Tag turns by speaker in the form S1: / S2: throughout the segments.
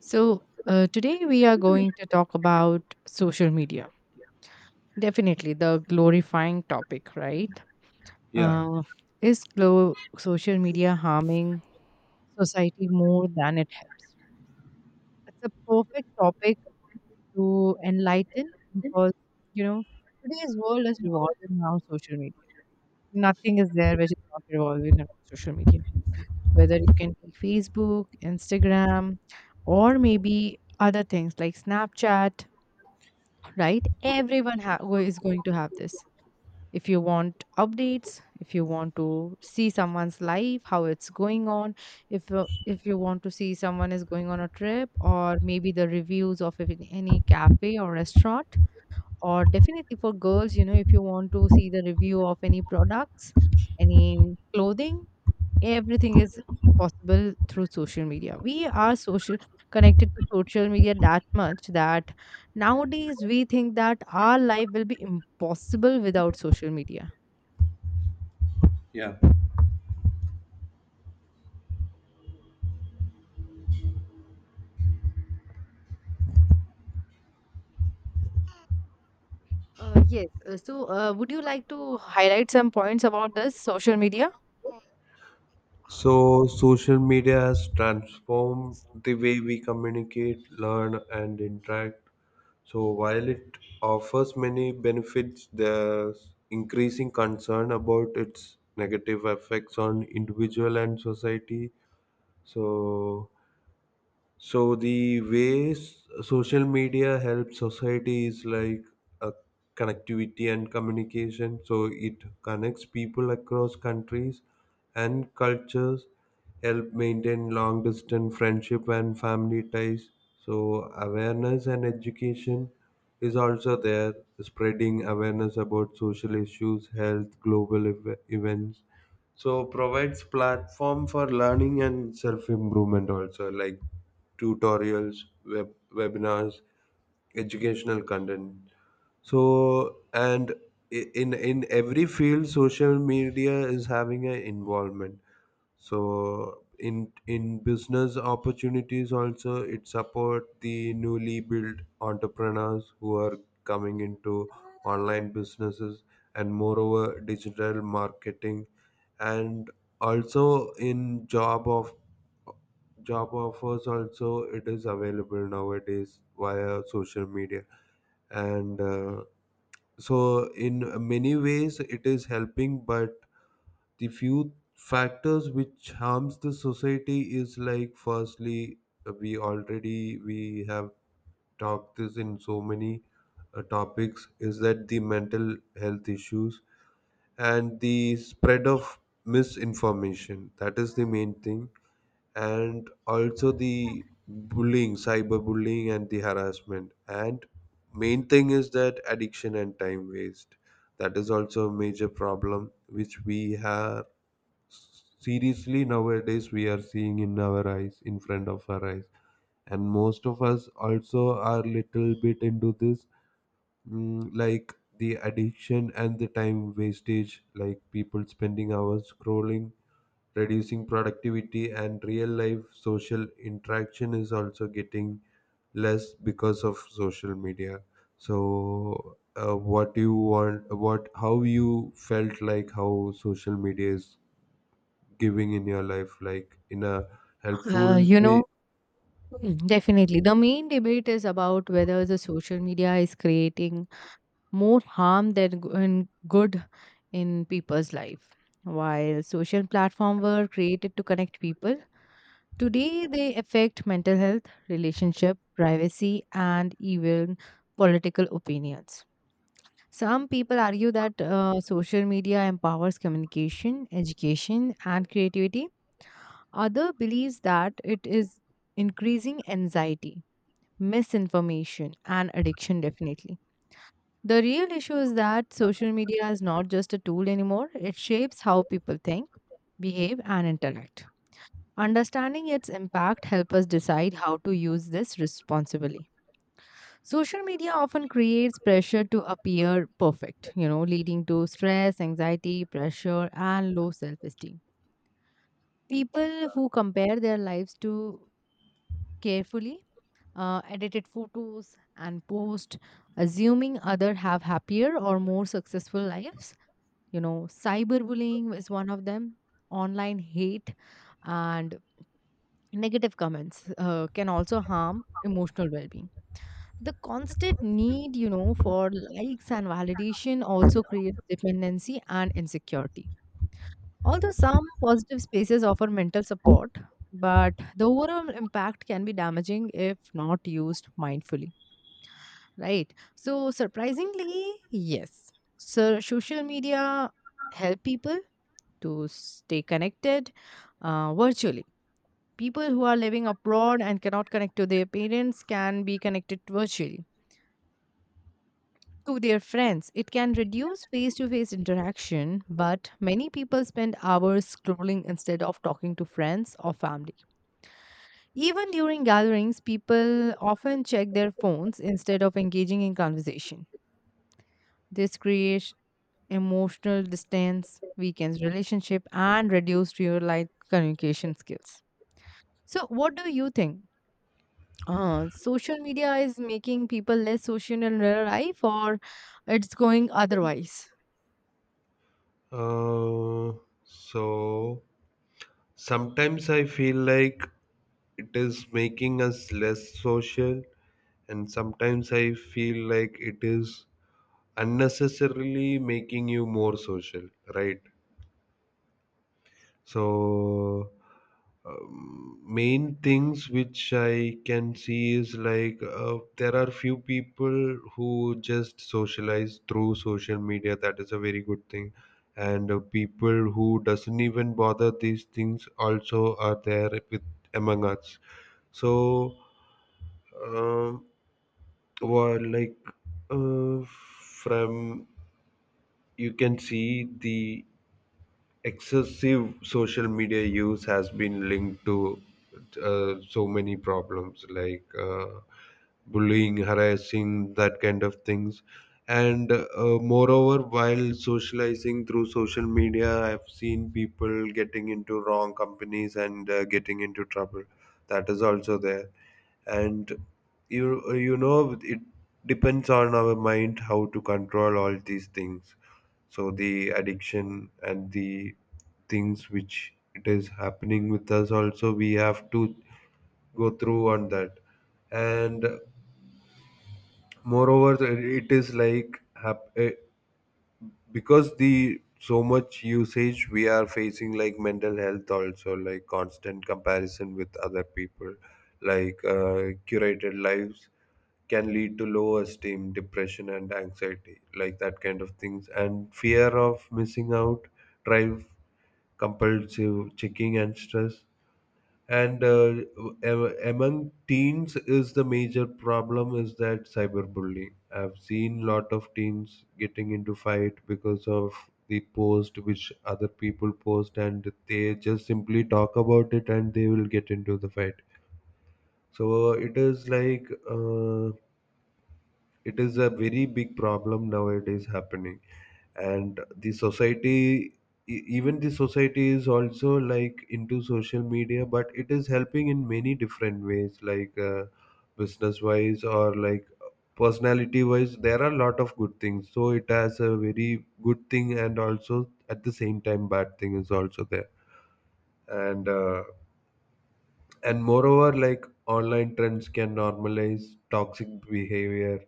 S1: So, today we are going to talk about social media. Definitely the glorifying topic, right?
S2: Yeah,
S1: Uh, social media harming society more than it helps? It's a perfect topic to enlighten because, you know, today's world is revolving around social media. Nothing is there which is not revolving around social media. Whether you can take Facebook, Instagram, or maybe other things like Snapchat, right? Who is going to have this, if you want updates, if you want to see someone's life how it's going on, if you want to see someone is going on a trip or maybe the reviews of if in any cafe or restaurant, or definitely for girls, you know, if you want to see the review of any products, any clothing, everything is possible through social media. We are social connected to social media that much that nowadays we think that our life will be impossible without social media.
S2: yeah.
S1: Yes, so would you like to highlight some points about this social media?
S2: So, social media has transformed the way we communicate, learn, and interact. So, while it offers many benefits, there's increasing concern about its negative effects on individual and society. So, So the ways social media helps society is like a connectivity and communication. So it connects people across countries and cultures, help maintain long distance friendship and family ties. So awareness and education is also there, spreading awareness about social issues, health, global events. So provides platform for learning and self-improvement also, like tutorials, web webinars, educational content. So and i- in in every field social media is having an involvement. So in business opportunities also it support the newly built entrepreneurs who are coming into online businesses, and moreover digital marketing, and also in job offers also it is available nowadays via social media. And so in many ways it is helping, but the few factors which harms the society is, like, firstly, we have talked this in so many topics, is that the mental health issues, and the spread of misinformation. That is the main thing. And also the bullying, cyberbullying, and the harassment. And main thing is that addiction and time waste. That is also a major problem which we have, seriously nowadays we are seeing in our eyes, in front of our eyes. And most of us also are little bit into this, like the addiction and the time wastage, like people spending hours scrolling, reducing productivity, and real life social interaction is also getting less because of social media. So what do you want, what, how you felt, like, how social media is giving in your life, like, in a helpful
S1: uh, you
S2: way?
S1: know Definitely. The main debate is about whether the social media is creating more harm and good in people's life. While social platforms were created to connect people, today they affect mental health, relationship, privacy, and even political opinions. Some people argue that social media empowers communication, education, and creativity. Other believes that it is increasing anxiety, misinformation, and addiction. Definitely, the real issue is that social media is not just a tool anymore. It shapes how people think, behave, and interact. Understanding its impact helps us decide how to use this responsibly. Social media often creates pressure to appear perfect, you know, leading to stress, anxiety, pressure, and low self esteem. People who compare their lives too carefully, edited photos and post, assuming other have happier or more successful lives, you know. Cyberbullying is one of them. Online hate and negative comments can also harm emotional well-being. The constant need, you know, for likes and validation also creates dependency and insecurity. Although some positive spaces offer mental support, but the overall impact can be damaging if not used mindfully, right? So surprisingly, yes. So social media help people to stay connected virtually. People who are living abroad and cannot connect to their parents can be connected virtually to their friends. It can reduce face-to-face interaction, but many people spend hours scrolling instead of talking to friends or family. Even during gatherings, people often check their phones instead of engaging in conversation. This creates emotional distance, weakens relationship, and reduced real life communication skills. So, what do you think? Social media is making people less social in real life, or it's going otherwise?
S2: Uh, so sometimes I feel like it is making us less social, and sometimes I feel like it is unnecessarily making you more social, right? So, main things which I can see is, like, there are few people who just socialize through social media. That is a very good thing, and people who doesn't even bother these things also are there with among us. So, um, well, like, uh, from, you can see the excessive social media use has been linked to so many problems, like, bullying, harassing, that kind of things. And moreover, while socializing through social media, I've seen people getting into wrong companies, and getting into trouble. That is also there. And you know, it depends on our mind how to control all these things. So the addiction and the things which it is happening with us, also we have to go through on that. And moreover, it is like, because the so much usage we are facing, like mental health also, like constant comparison with other people, like, curated lives can lead to low esteem, depression, and anxiety, like that kind of things. And fear of missing out drive compulsive checking and stress. And among teens is the major problem is that cyberbullying. I've seen lot of teens getting into fight because of the post which other people post, and they just simply talk about it and they will get into the fight. So it is like uh, it is a very big problem nowadays happening. And the society, even the society is also like into social media, but it is helping in many different ways, like, business wise or like personality wise, there are a lot of good things. So it has a very good thing, and also at the same time bad thing is also there. And uh, and moreover, like online trends can normalize toxic behavior,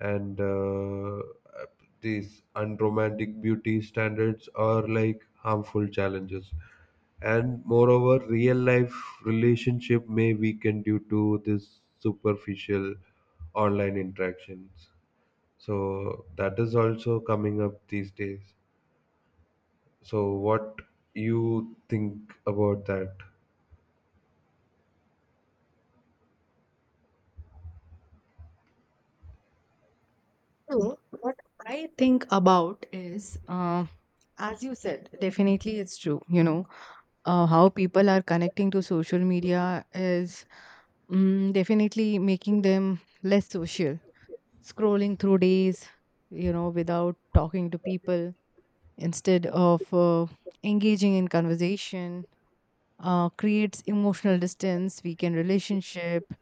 S2: and these unromantic beauty standards are like harmful challenges. And moreover, real life relationship may weaken due to this superficial online interactions. So that is also coming up these days. So what you think about that?
S1: So, what I think about is, as you said, definitely, it's true. You know, how people are connecting to social media is, mm, definitely making them less social. Scrolling through days, you know, without talking to people, instead of engaging in conversation, creates emotional distance, weaken relationship,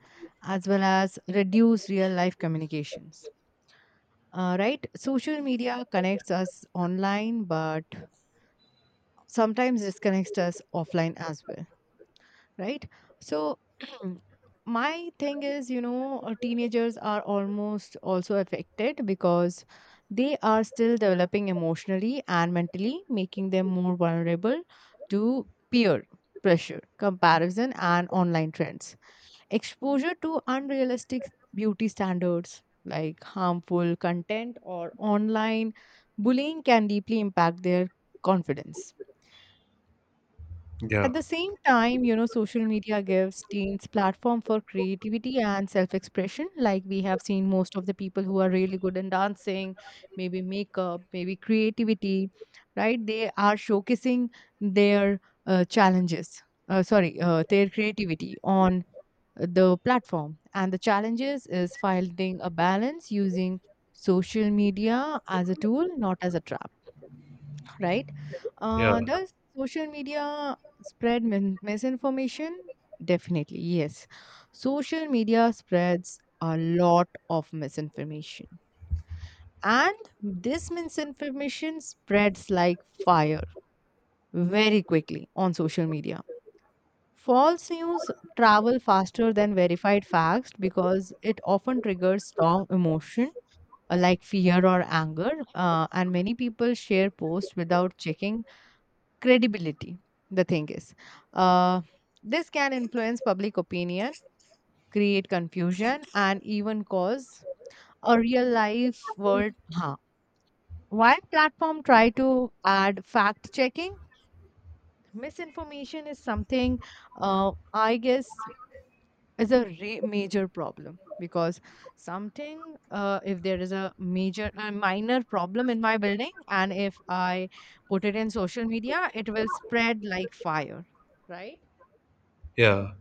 S1: as well as reduce real life communications. Right? Social media connects us online, but sometimes disconnects us offline as well, right? So my thing is, you know, teenagers are almost also affected because they are still developing emotionally and mentally, making them more vulnerable to peer pressure, comparison, and online trends. Exposure to unrealistic beauty standards like harmful content or online bullying can deeply impact their confidence.
S2: Yeah,
S1: At the same time, you know, social media gives teens platform for creativity and self-expression. Like we have seen most of the people who are really good in dancing, maybe makeup, maybe creativity, right? They are showcasing their uh, challenges, their creativity on the platform. And the challenges is finding a balance, using social media as a tool, not as a trap, right?
S2: yeah,
S1: Does social media spread misinformation? Definitely, yes. Social media spreads a lot of misinformation, and this misinformation spreads like fire very quickly on social media. False news travel faster than verified facts because it often triggers strong emotion, like fear or anger, and many people share posts without checking credibility. The thing is, uh, this can influence public opinion, create confusion, and even cause a real life world harm. While platform try to add fact checking, misinformation is something, uh, I guess, is a major problem because something, if there is a major a minor problem in my building and if I put it in social media, it will spread like fire, right?
S2: yeah.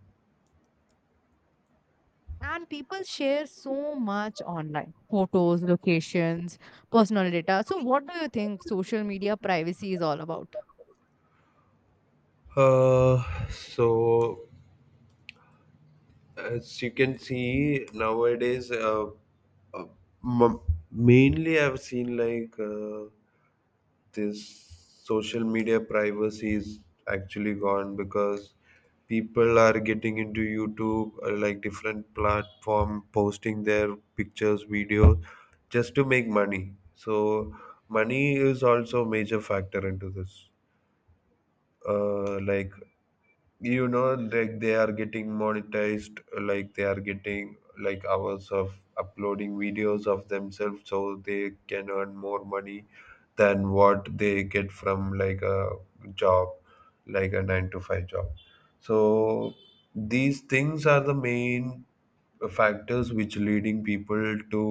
S1: And people share so much online: photos, locations, personal data. So, what do you think social media privacy is all about?
S2: Uh, so as you can see nowadays, uh, m- mainly I've seen, like, this social media privacy is actually gone because people are getting into YouTube, like different platform, posting their pictures, videos just to make money. So money is also a major factor into this. Like, you know, like they are getting monetized, like they are getting like hours of uploading videos of themselves so they can earn more money than what they get from like a job, like a 9 to 5 job. So these things are the main factors which leading people to,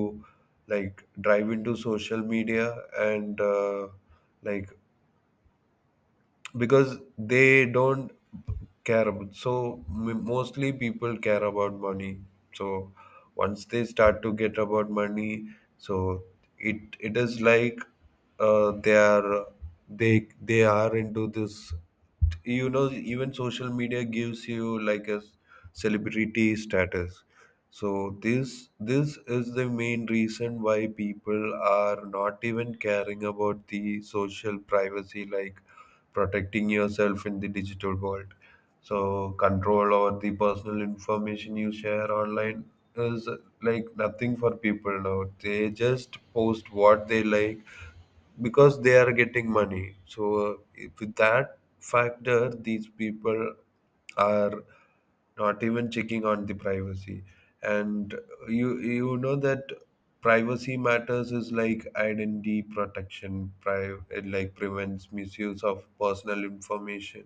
S2: like, drive into social media, and like because they don't care about, so mostly people care about money. So once they start to get about money, so it is like, they are, they are into this. You know, even social media gives you like a celebrity status. So this is the main reason why people are not even caring about the social privacy, like protecting yourself in the digital world. So control over the personal information you share online is like nothing for people now. They just post what they like because they are getting money. So if with that factor, these people are not even checking on the privacy. And you know that privacy matters is like identity protection. It like prevents misuse of personal information,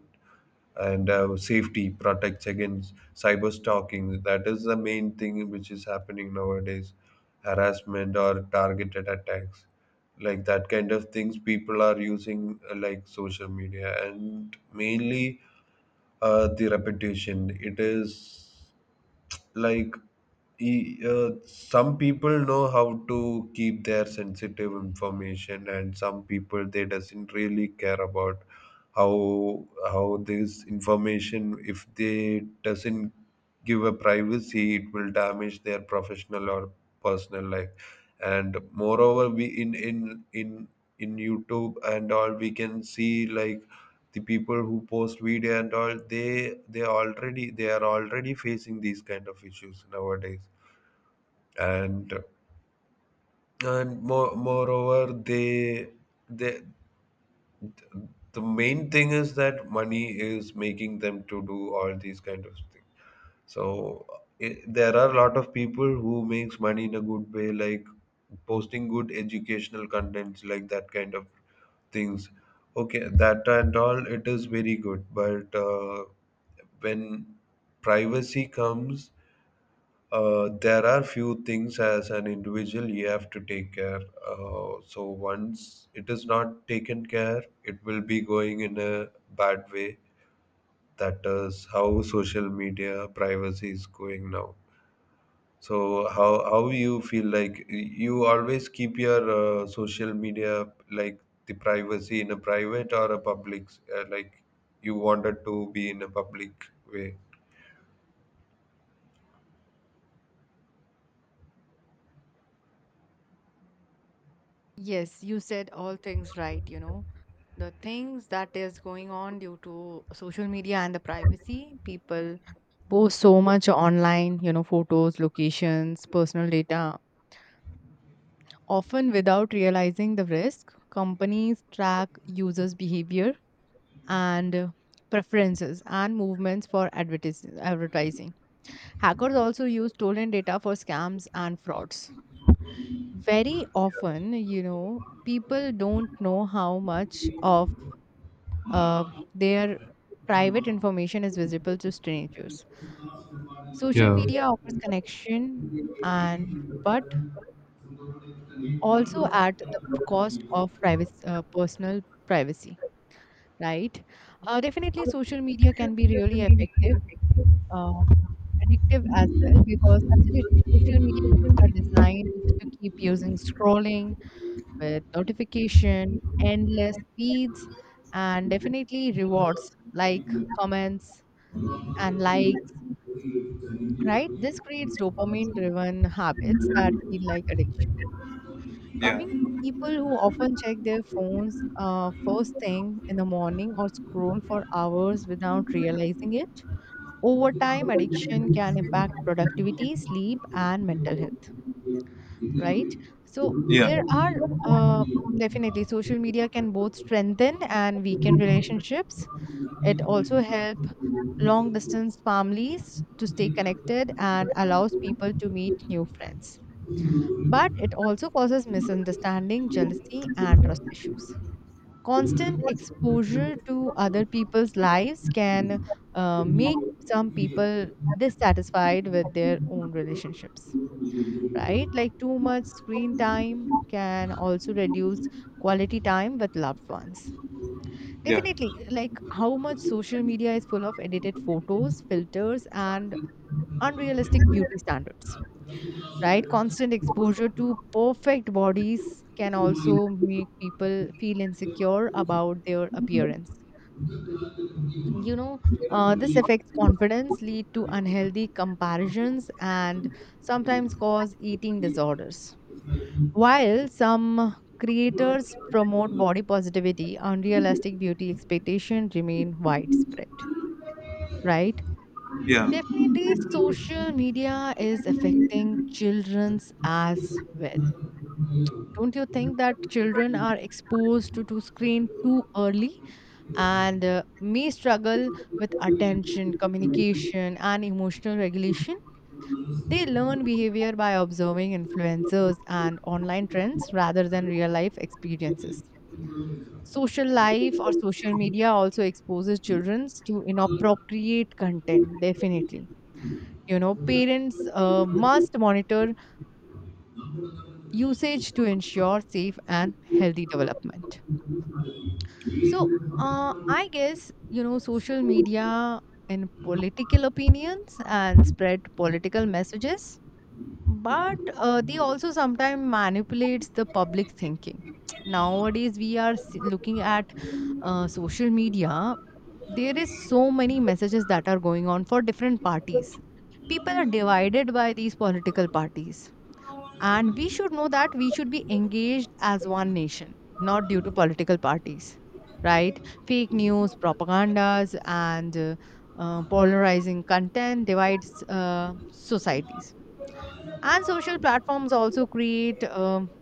S2: and safety protects against cyber stalking. That is the main thing which is happening nowadays, harassment or targeted attacks. Like that kind of things, people are using like social media, and mainly, the reputation. It is like, some people know how to keep their sensitive information, and some people they doesn't really care about how, this information, if they doesn't give a privacy, it will damage their professional or personal life. And moreover, we in youtube and all, we can see like the people who post video and all, they are already facing these kind of issues nowadays. And and more, moreover they, the main thing is that money is making them to do all these kind of things. So there are a lot of people who makes money in a good way, like posting good educational contents, like that kind of things. Okay, that and all it is very good, but when privacy comes, there are few things as an individual you have to take care. So once it is not taken care, it will be going in a bad way. That is how social media privacy is going now. So how you feel, like, you always keep your, social media, like the privacy in a private or a public, like, you wanted to be in a public way?
S1: Yes, you said all things right, you know. The things that is going on due to social media and the privacy, people post so much online, you know, photos, locations, personal data. Often without realizing the risk, companies track users' behavior and preferences and movements for advertising. Hackers also use stolen data for scams and frauds. Very often, you know, people don't know how much of uh, their private information is visible to strangers. Social
S2: Yeah.
S1: media offers connection and but also at the cost of privacy, personal privacy, right? Definitely, social media can be really effective, uh, addictive as well, because absolutely, social media apps are designed to keep using scrolling with notification, endless feeds, and definitely rewards like comments and likes, right? This creates dopamine driven habits that feel like addiction. Coming to people who often check their phones first thing in the morning or scroll for hours without realizing it. Over time, addiction can impact productivity, sleep, and mental health, right? So,
S2: Yeah,
S1: there are, definitely, social media can both strengthen and weaken relationships. It also help long distance families to stay connected and allows people to meet new friends. But it also causes misunderstanding, jealousy, and trust issues. Constant exposure to other people's lives can make some people dissatisfied with their own relationships, right? Like too much screen time can also reduce quality time with loved ones.
S2: yeah,
S1: Definitely, like how much social media is full of edited photos, filters, and unrealistic beauty standards, right? Constant exposure to perfect bodies can also make people feel insecure about their appearance, you know. This affects confidence, lead to unhealthy comparisons, and sometimes cause eating disorders. While some creators promote body positivity, unrealistic beauty expectations remain widespread, right?
S2: yeah.
S1: Definitely, social media is affecting children's as well. Don't you think that children are exposed to screen too early and may struggle with attention, communication, and emotional regulation. They learn behavior by observing influencers and online trends rather than real life experiences. Social life or social media also exposes children to inappropriate content, definitely. You know, parents must monitor usage to ensure safe and healthy development. So, I guess, you know, social media and political opinions and spread political messages, but they also sometimes manipulates the public thinking. Nowadays, we are looking at social media. There is so many messages that are going on for different parties. People are divided by these political parties, and we should know that we should be engaged as one nation, not due to political parties, right? Fake news, propagandas, and polarizing content divides societies. And social platforms also create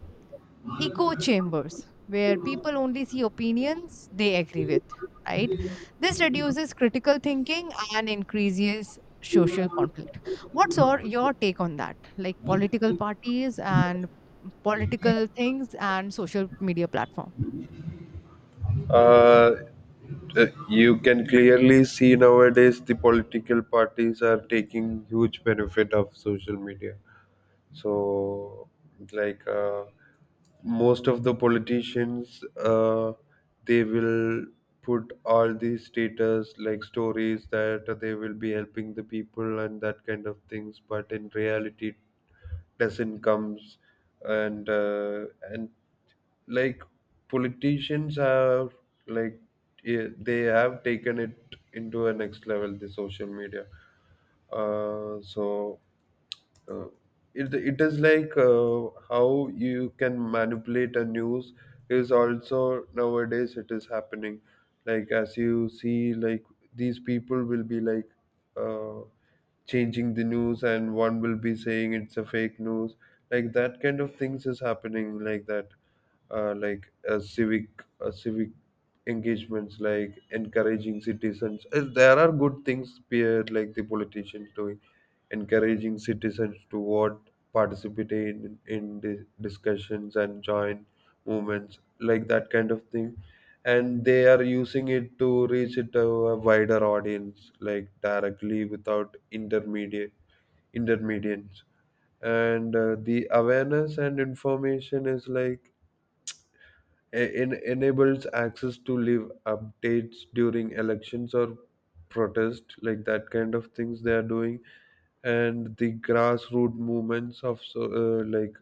S1: echo chambers where people only see opinions they agree with, right? This reduces critical thinking and increases social conflict. What's your take on that? Like political parties and political things and social media platform?
S2: uh, you can clearly see nowadays the political parties are taking huge benefit of social media. So, like, most of the politicians, they will put all these status like stories that they will be helping the people and that kind of things, but in reality it doesn't comes. And uh, and like politicians have like, they have taken it into a next level the social media. Uh, so uh, it, it is like, how you can manipulate a news is also nowadays it is happening. Like, as you see, like these people will be like, uh, changing the news, and one will be saying it's a fake news. Like that kind of things is happening like that, like civic engagements, like encouraging citizens. There are good things peer like the politicians doing, encouraging citizens to vote, participate in the discussions, and join movements, like that kind of thing. And they are using it to reach it to a wider audience, like directly without intermediates. And the awareness and information is like, enables access to live updates during elections or protest, like that kind of things they are doing. And the grassroots movements of, so, like,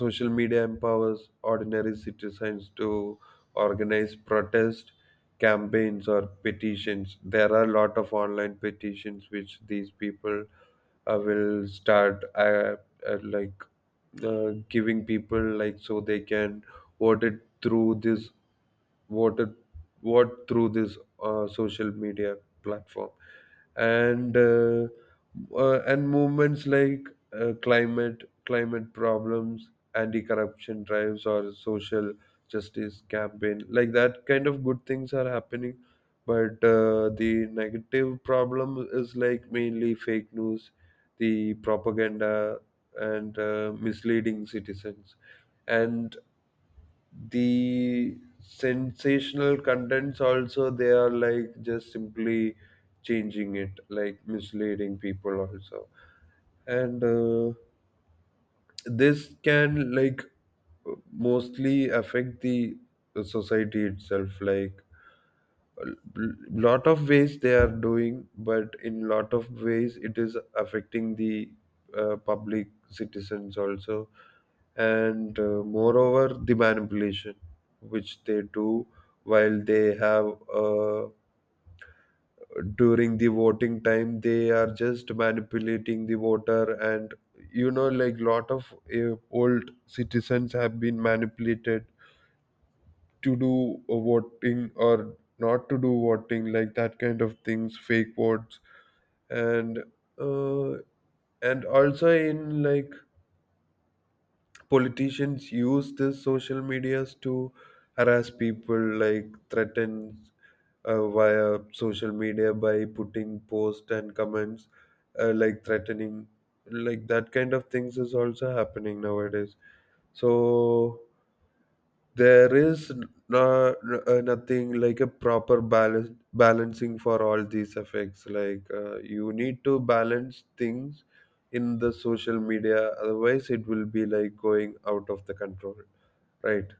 S2: social media empowers ordinary citizens to organize protest, campaigns, or petitions. There are a lot of online petitions which these people, will start, uh, like giving people, like, so they can vote it through this voted vote through this, social media platform. And uh, uh, and movements like, climate problems, anti-corruption drives, or social justice campaign, like that kind of good things are happening. But the negative problem is, like, mainly fake news, the propaganda, and misleading citizens. And the sensational contents also, they are, like, just simply changing it, like misleading people also. And this can, like, mostly affect the society itself, like a lot of ways they are doing, but in lot of ways it is affecting the, public citizens also. And moreover, the manipulation which they do while they have, uh, during the voting time they are just manipulating the voter. And you know, like lot of old citizens have been manipulated to do voting or not to do voting, like that kind of things, fake votes. And uh, and also in, like politicians use the social medias to harass people, like threaten, via social media by putting posts and comments, like threatening, like that kind of things is also happening nowadays. So there is nothing like a proper balance balancing for all these effects, like, you need to balance things in the social media, otherwise it will be like going out of the control, right?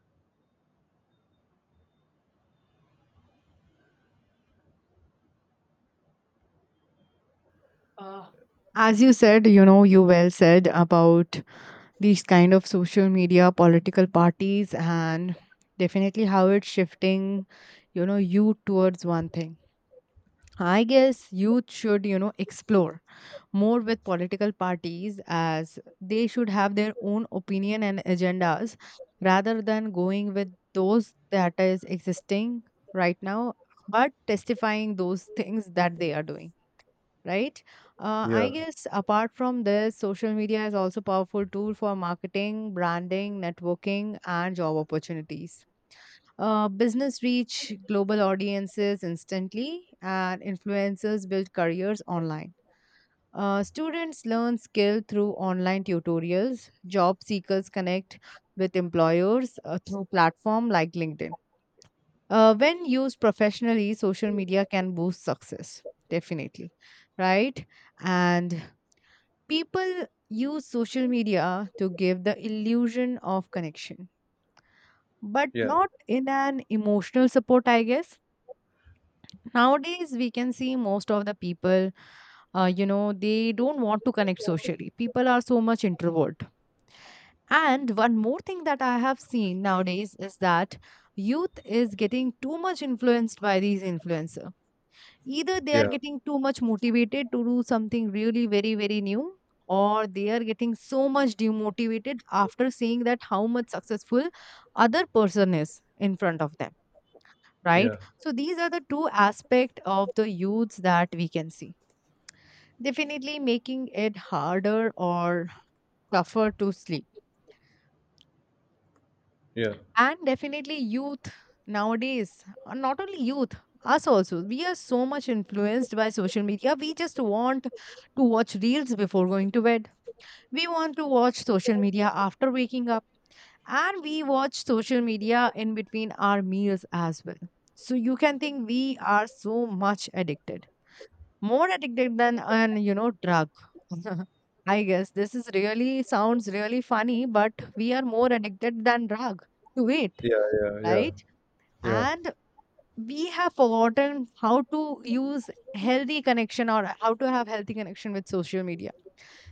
S1: Uh, As you said, you know, you well said about these kind of social media, political parties, and definitely how it's shifting, you know, you towards one thing. I guess youth should, you know, explore more with political parties, as they should have their own opinion and agendas rather than going with those that is existing right now, but testifying those things that they are doing. Right. I
S2: Yeah,
S1: guess apart from this, social media is also powerful tool for marketing, branding, networking, and job opportunities. Business reach global audiences instantly, and influencers build careers online. Students learn skill through online tutorials. Job seekers connect with employers through platform like LinkedIn. When used professionally, social media can boost success, definitely, right? And people use social media to give the illusion of connection, but
S2: yeah,
S1: not in an emotional support, I guess. Nowadays, we can see most of the people, you know, they don't want to connect socially. People are so much introvert. And one more thing that I have seen nowadays is that youth is getting too much influenced by these influencer. Either they are
S2: yeah,
S1: getting too much motivated to do something really very, very new, or they are getting so much demotivated after seeing that how much successful other person is in front of them, right?
S2: yeah,
S1: So these are the two aspect of the youths that we can see. Definitely making it harder or tougher to sleep.
S2: yeah,
S1: And definitely, youth nowadays, not only youth, us also, we are so much influenced by social media. We just want to watch reels before going to bed. We want to watch social media after waking up. And we watch social media in between our meals as well. So you can think we are so much addicted, more addicted than an, you know, drug. I guess this is really sounds really funny, but we are more addicted than drug to it,
S2: yeah, yeah, yeah,
S1: right?
S2: yeah,
S1: And we have forgotten how to use healthy connection or how to have healthy connection with social media,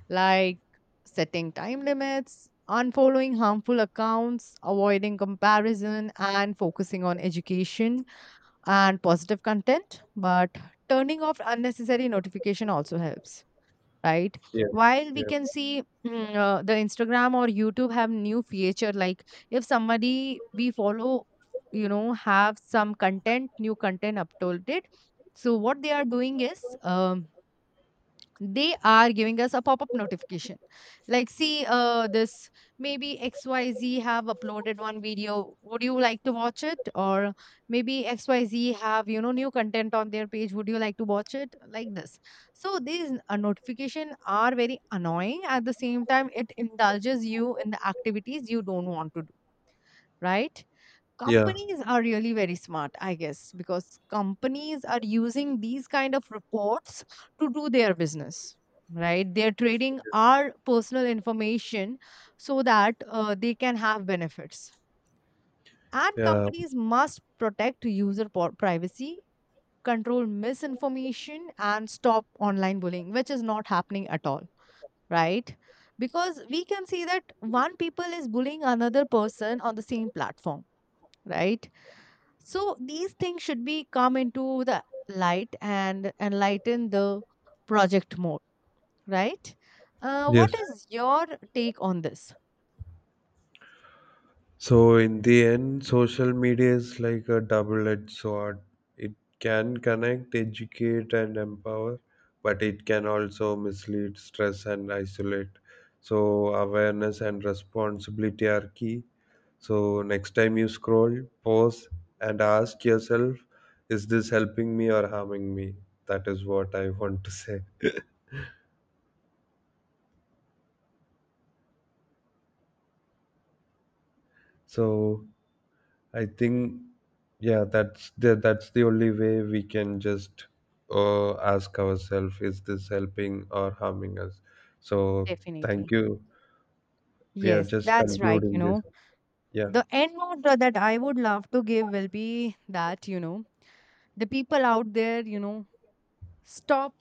S1: like setting time limits, unfollowing harmful accounts, avoiding comparison, and focusing on education and positive content. But turning off unnecessary notification also helps, right?
S2: yeah,
S1: While we
S2: yeah,
S1: can see, mm, the Instagram or YouTube have new feature like, if somebody we follow, you know, have some content, new content uploaded, so what they are doing is, they are giving us a pop-up notification like, see, this maybe XYZ have uploaded one video, would you like to watch it, or maybe XYZ have, you know, new content on their page, would you like to watch it, like this. So these notification are very annoying. At the same time, it indulges you in the activities you don't want to do, right?
S2: yeah,
S1: Companies are really very smart, I guess, because companies are using these kind of reports to do their business, right? They're trading our personal information so that they can have benefits. And
S2: yeah.
S1: companies must protect user privacy, control misinformation, and stop online bullying, which is not happening at all, right? Because we can see that one people is bullying another person on the same platform, right? So these things should be come into the light and enlighten the project more, right? What
S2: Yes.
S1: is your take on this?
S2: So in the end, social media is like a double-edged sword. It can connect, educate, and empower, but it can also mislead, stress, and isolate. So awareness and responsibility are key. So next time you scroll, pause, and ask yourself, is this helping me or harming me? That is what I want to say. So I think. Yeah, that's the only way we can just ask ourselves, is this helping or harming us? So, thank
S1: Definitely.
S2: you. We are
S1: Yes,
S2: just
S1: that's right. You
S2: concluding this.
S1: know,
S2: Yeah,
S1: the end note that I would love to give will be that, you know, the people out there, you know, stop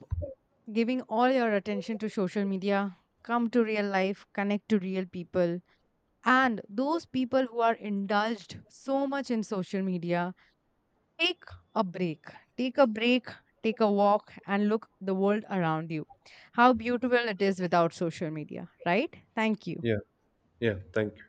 S1: giving all your attention to social media. Come to real life, connect to real people. And those people who are indulged so much in social media, take a break. Take a break, take a walk, and look the world around you. How beautiful it is without social media, right? Thank you.
S2: yeah, yeah. Thank you.